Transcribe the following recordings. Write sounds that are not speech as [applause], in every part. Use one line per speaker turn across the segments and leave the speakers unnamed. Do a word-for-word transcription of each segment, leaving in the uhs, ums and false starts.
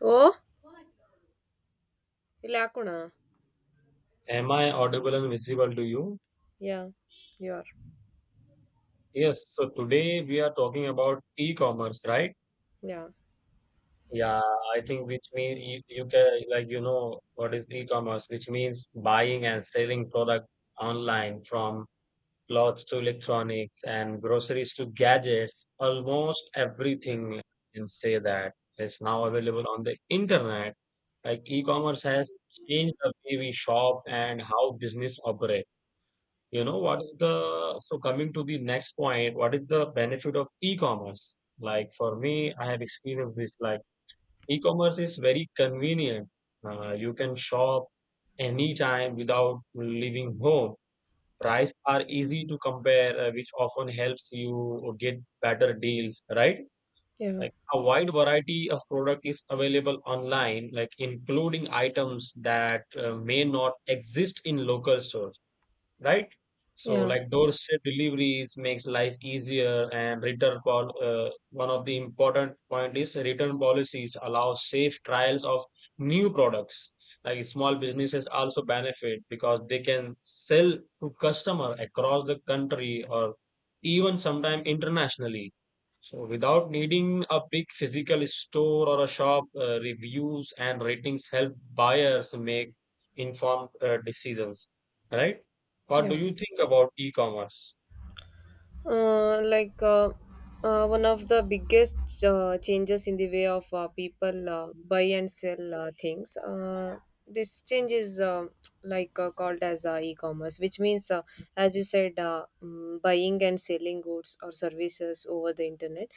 Oh, ಇಲ್ಲಿ ಹಾಕೋಣ
Am I audible and visible to you?
Yeah you are
Yes, so today we are talking about e-commerce, right?
Yeah
Yeah, I think which means you, you can, like, you know what is e-commerce, which means buying and selling product online from clothes to electronics and groceries to gadgets, almost everything you can say that is now available on the internet. Like e-commerce has changed the way we shop and how business operates. You know, what is the, so coming to the next point, what is the benefit of e-commerce? Like for me, I have experienced this. Like e-commerce is very convenient. Uh, you can shop anytime without leaving home. Price are easy to compare, uh, which often helps you get better deals, right?
Yeah
Like a wide variety of product is available online, like including items that uh, may not exist in local stores, right?
Yeah
So like doorstep deliveries makes life easier and return pol uh, one of the important point is return policies allow safe trials of new products. Like small businesses also benefit because they can sell to customer across the country or even sometime internationally. So without needing a big physical store or a shop, uh, reviews and ratings help buyers make informed uh, decisions, right? What do
yeah
you think about e-commerce?
Uh, like uh, uh, one of the biggest uh, changes in the way of uh, people uh, buy and sell uh, things. Uh, this change is uh, like uh, called as uh, e-commerce, which means, uh, as you said, uh, mm, buying and selling goods or services over the internet.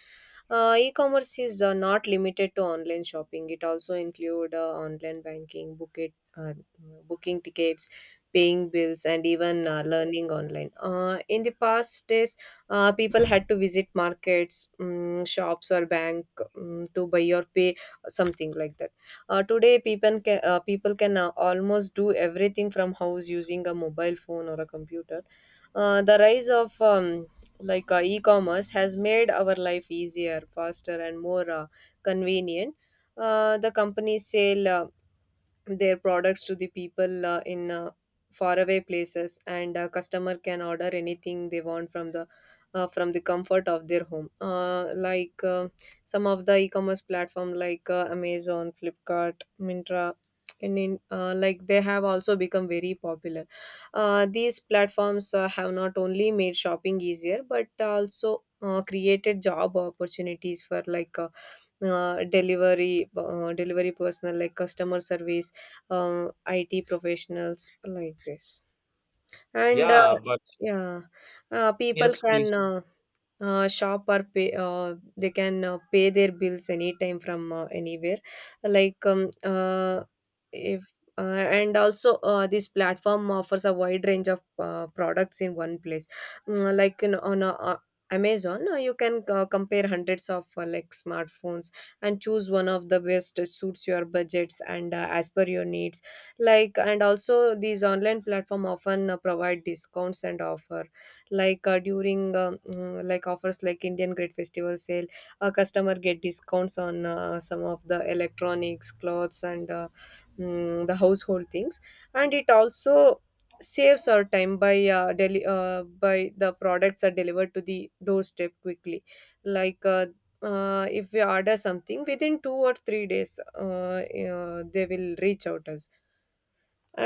Uh, e-commerce is uh, not limited to online shopping. It also include uh, online banking, book it, uh, booking tickets, paying bills, and even uh, learning online. Uh, in the past days uh, people had to visit markets, um, shops or bank, um, to buy or pay something like that. Uh, today people can uh, people can uh, almost do everything from house using a mobile phone or a computer. Uh, the rise of um, like uh, e-commerce has made our life easier, faster and more uh, convenient. Uh, the companies sell uh, their products to the people uh, in uh, faraway places and a customer can order anything they want from the uh, from the comfort of their home. Uh, like uh, some of the e-commerce platform like uh, amazon, flipkart, mintra and in, uh, like they have also become very popular. Uh, these platforms uh, have not only made shopping easier but also uh, created job opportunities for like uh, uh, delivery, uh, delivery personnel like customer service, uh, I T professionals like this. And uh,
Yeah, but
yeah, uh, People
yes,
can
please.
uh, uh, shop or pay. Uh, they can uh, pay their bills anytime from uh, anywhere. Like um, uh, if uh, And also uh, this platform offers a wide range of uh, products in one place. Mm, uh, like in, on a uh, amazon uh, you can uh, compare hundreds of uh, like smartphones and choose one of the best suits your budgets and uh, as per your needs. Like and also these online platform often uh, provide discounts and offer, like uh, during uh, mm, like offers like Indian Great Festival sale, a customer get discounts on uh, some of the electronics, clothes, and uh, mm, the household things, and it also saves our time by uh, deli- uh, by the products are delivered to the doorstep quickly. like uh, uh, if we order something within two or three days uh, uh, they will reach out us.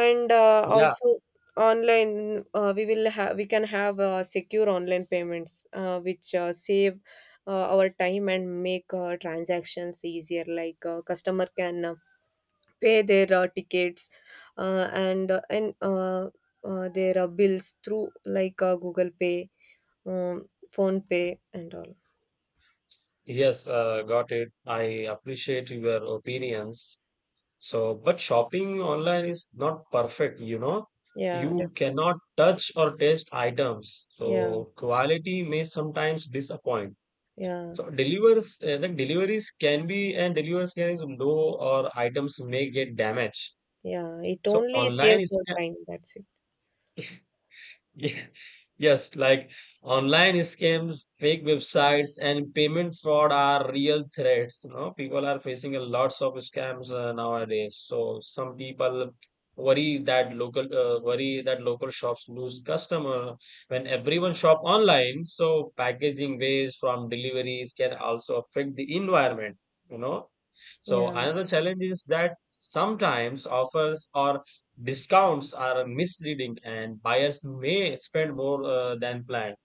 And uh,
Yeah,
also online, uh, we will have we can have uh, secure online payments uh, which uh, save uh, our time and make uh, transactions easier. Like uh, customer can uh, pay their uh, tickets uh, and uh, and uh, uh, their uh, bills through like uh, google pay, um, phone pay and all.
yes, uh, got it. I appreciate your opinions. So, but shopping online is not perfect, you know.
Yeah,
You
definitely.
cannot touch or taste items.
Yeah.
So, quality may sometimes disappoint.
Yeah.
So, delivers, uh, the deliveries can be, and deliveries can is low or items may get damaged.
Yeah, it
So,
only
online
saves
is.
your time, that's it.
Yeah. [laughs] Yes, like online scams, fake websites, and payment fraud are real threats. You know, people are facing a lots of scams uh, nowadays. So some people worry that local uh, worry that local shops lose customer when everyone shop online. So packaging waste from deliveries can also affect the environment. You know, so
Yeah.
another challenge is that sometimes offers or discounts are misleading and buyers may spend more uh, than planned.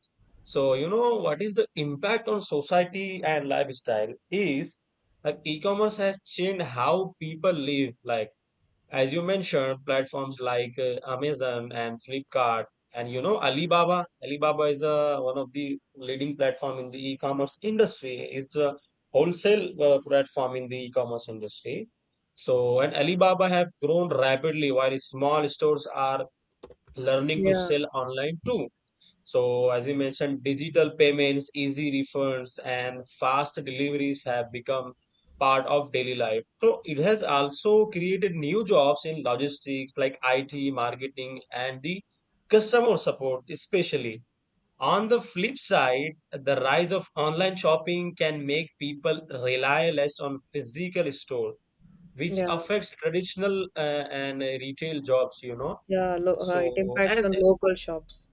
So you know what is the impact on society and lifestyle is like e-commerce has changed how people live, like as you mentioned, platforms like uh, Amazon and Flipkart and, you know, Alibaba. Alibaba is uh, one of the leading platform in the e-commerce industry. It's a wholesale uh, platform in the e-commerce industry. So and Alibaba have grown rapidly while small stores are learning to
Yeah.
sell online too. So, as you mentioned, digital payments, easy refunds, and fast deliveries have become part of daily life. So, it has also created new jobs in logistics like I T, marketing, and the customer support, especially. On the flip side, the rise of online shopping can make people rely less on physical store, which
Yeah,
affects traditional uh, and uh, retail jobs, you know.
Yeah, lo- uh, it
So,
impacts
and
on
uh,
local shops.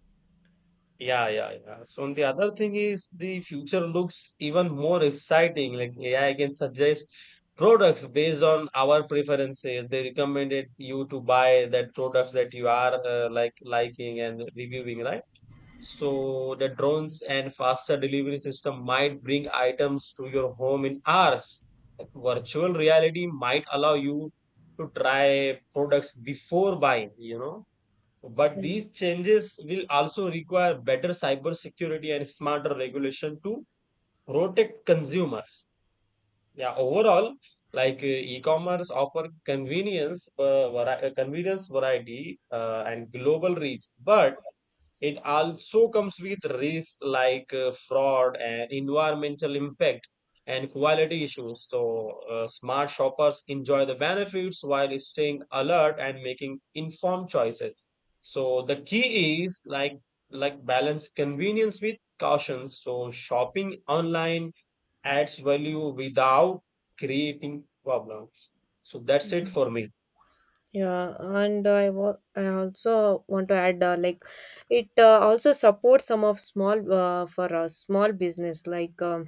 yeah, yeah, yeah. So and the other thing is the future looks even more exciting. Like A I can suggest products based on our preferences. They recommended you to buy that products that you are uh, like liking and reviewing, right? So the drones and faster delivery system might bring items to your home in hours. Virtual reality might allow you to try products before buying, you know? But
Mhm.
these changes will also require better cybersecurity and smarter regulation to protect consumers. Yeah, overall, like uh, e-commerce offer convenience, uh, vari- uh, convenience variety, uh, and global reach, but it also comes with risks like uh, fraud and environmental impact and quality issues. So, uh, smart shoppers enjoy the benefits while staying alert and making informed choices. So, the key is like like balance convenience with caution. So, shopping online adds value without creating problems. So, that's it for me.
Yeah, and I wa- I also want to add, uh, like it uh, also supports some of small, uh, for uh, small business. like um,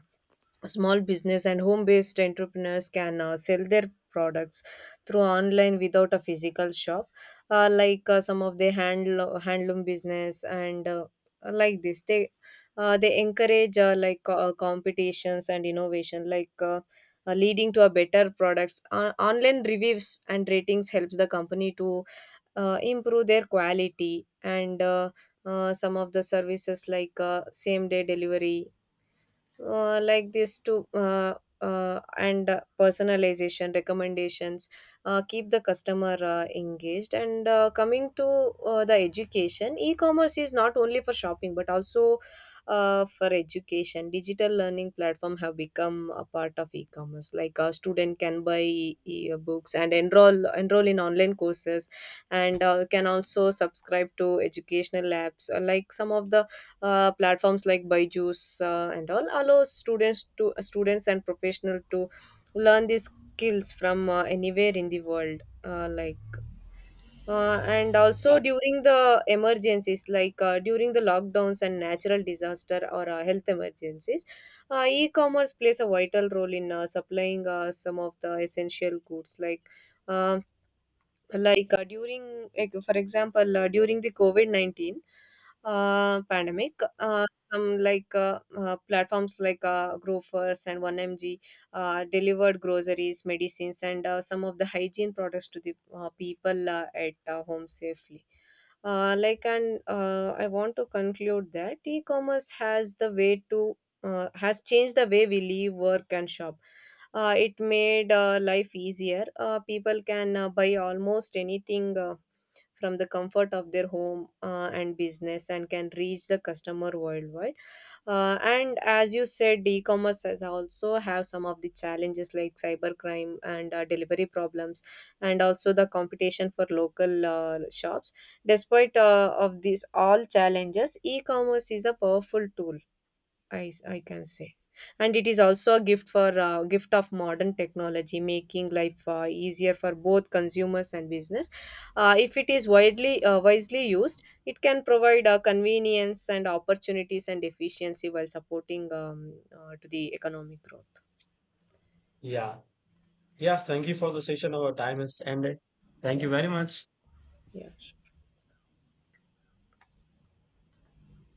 Small business and home based entrepreneurs can uh, sell their products through online without a physical shop. Uh, like uh, some of the hand handloom business and uh, like this they uh, they encourage uh, like uh, competitions and innovation, like uh, uh, leading to a better products. Uh, online reviews and ratings helps the company to uh, improve their quality and uh, uh, some of the services like uh, same day delivery, uh, like this to uh, uh, and uh, personalization recommendations uh, keep the customer uh, engaged and uh, coming to uh, the education. E-commerce is not only for shopping but also uh, for education. Digital learning platform have become a part of e-commerce. Like a student can buy e- books and enroll enroll in online courses, and uh, can also subscribe to educational apps. Uh, like some of the uh, platforms like Byju's uh, and all allow students to uh, students and professional to learn these skills from uh, anywhere in the world. Uh, like uh, and also
Yeah.
during the emergencies, like uh, during the lockdowns and natural disaster or uh, health emergencies, uh, e-commerce plays a vital role in uh, supplying uh, some of the essential goods. like um like uh, during like, for example, uh, during the covid nineteen uh, pandemic, uh, some like uh, uh, platforms like uh, grofers and one m g uh, delivered groceries, medicines and uh, some of the hygiene products to the uh, people uh, at uh, home safely. Uh, like and uh, I want to conclude that e-commerce has the way to uh, has changed the way we live, work and shop. Uh, it made uh, life easier. Uh, people can uh, buy almost anything uh, from the comfort of their home, uh, and business and can reach the customer worldwide. Uh, and as you said, e-commerce has also have some of the challenges like cybercrime and uh, delivery problems, and also the competition for local uh, shops. Despite uh, of these all challenges, e-commerce is a powerful tool, I I can say, and it is also a gift for uh, gift of modern technology, making life uh, easier for both consumers and business. Uh, if it is widely uh, wisely used, it can provide uh, convenience and opportunities and efficiency while supporting um, uh, to the economic growth.
Yeah. Yeah. Thank you for the session. Our time has ended. Thank
Yeah.
you very much.
Yeah.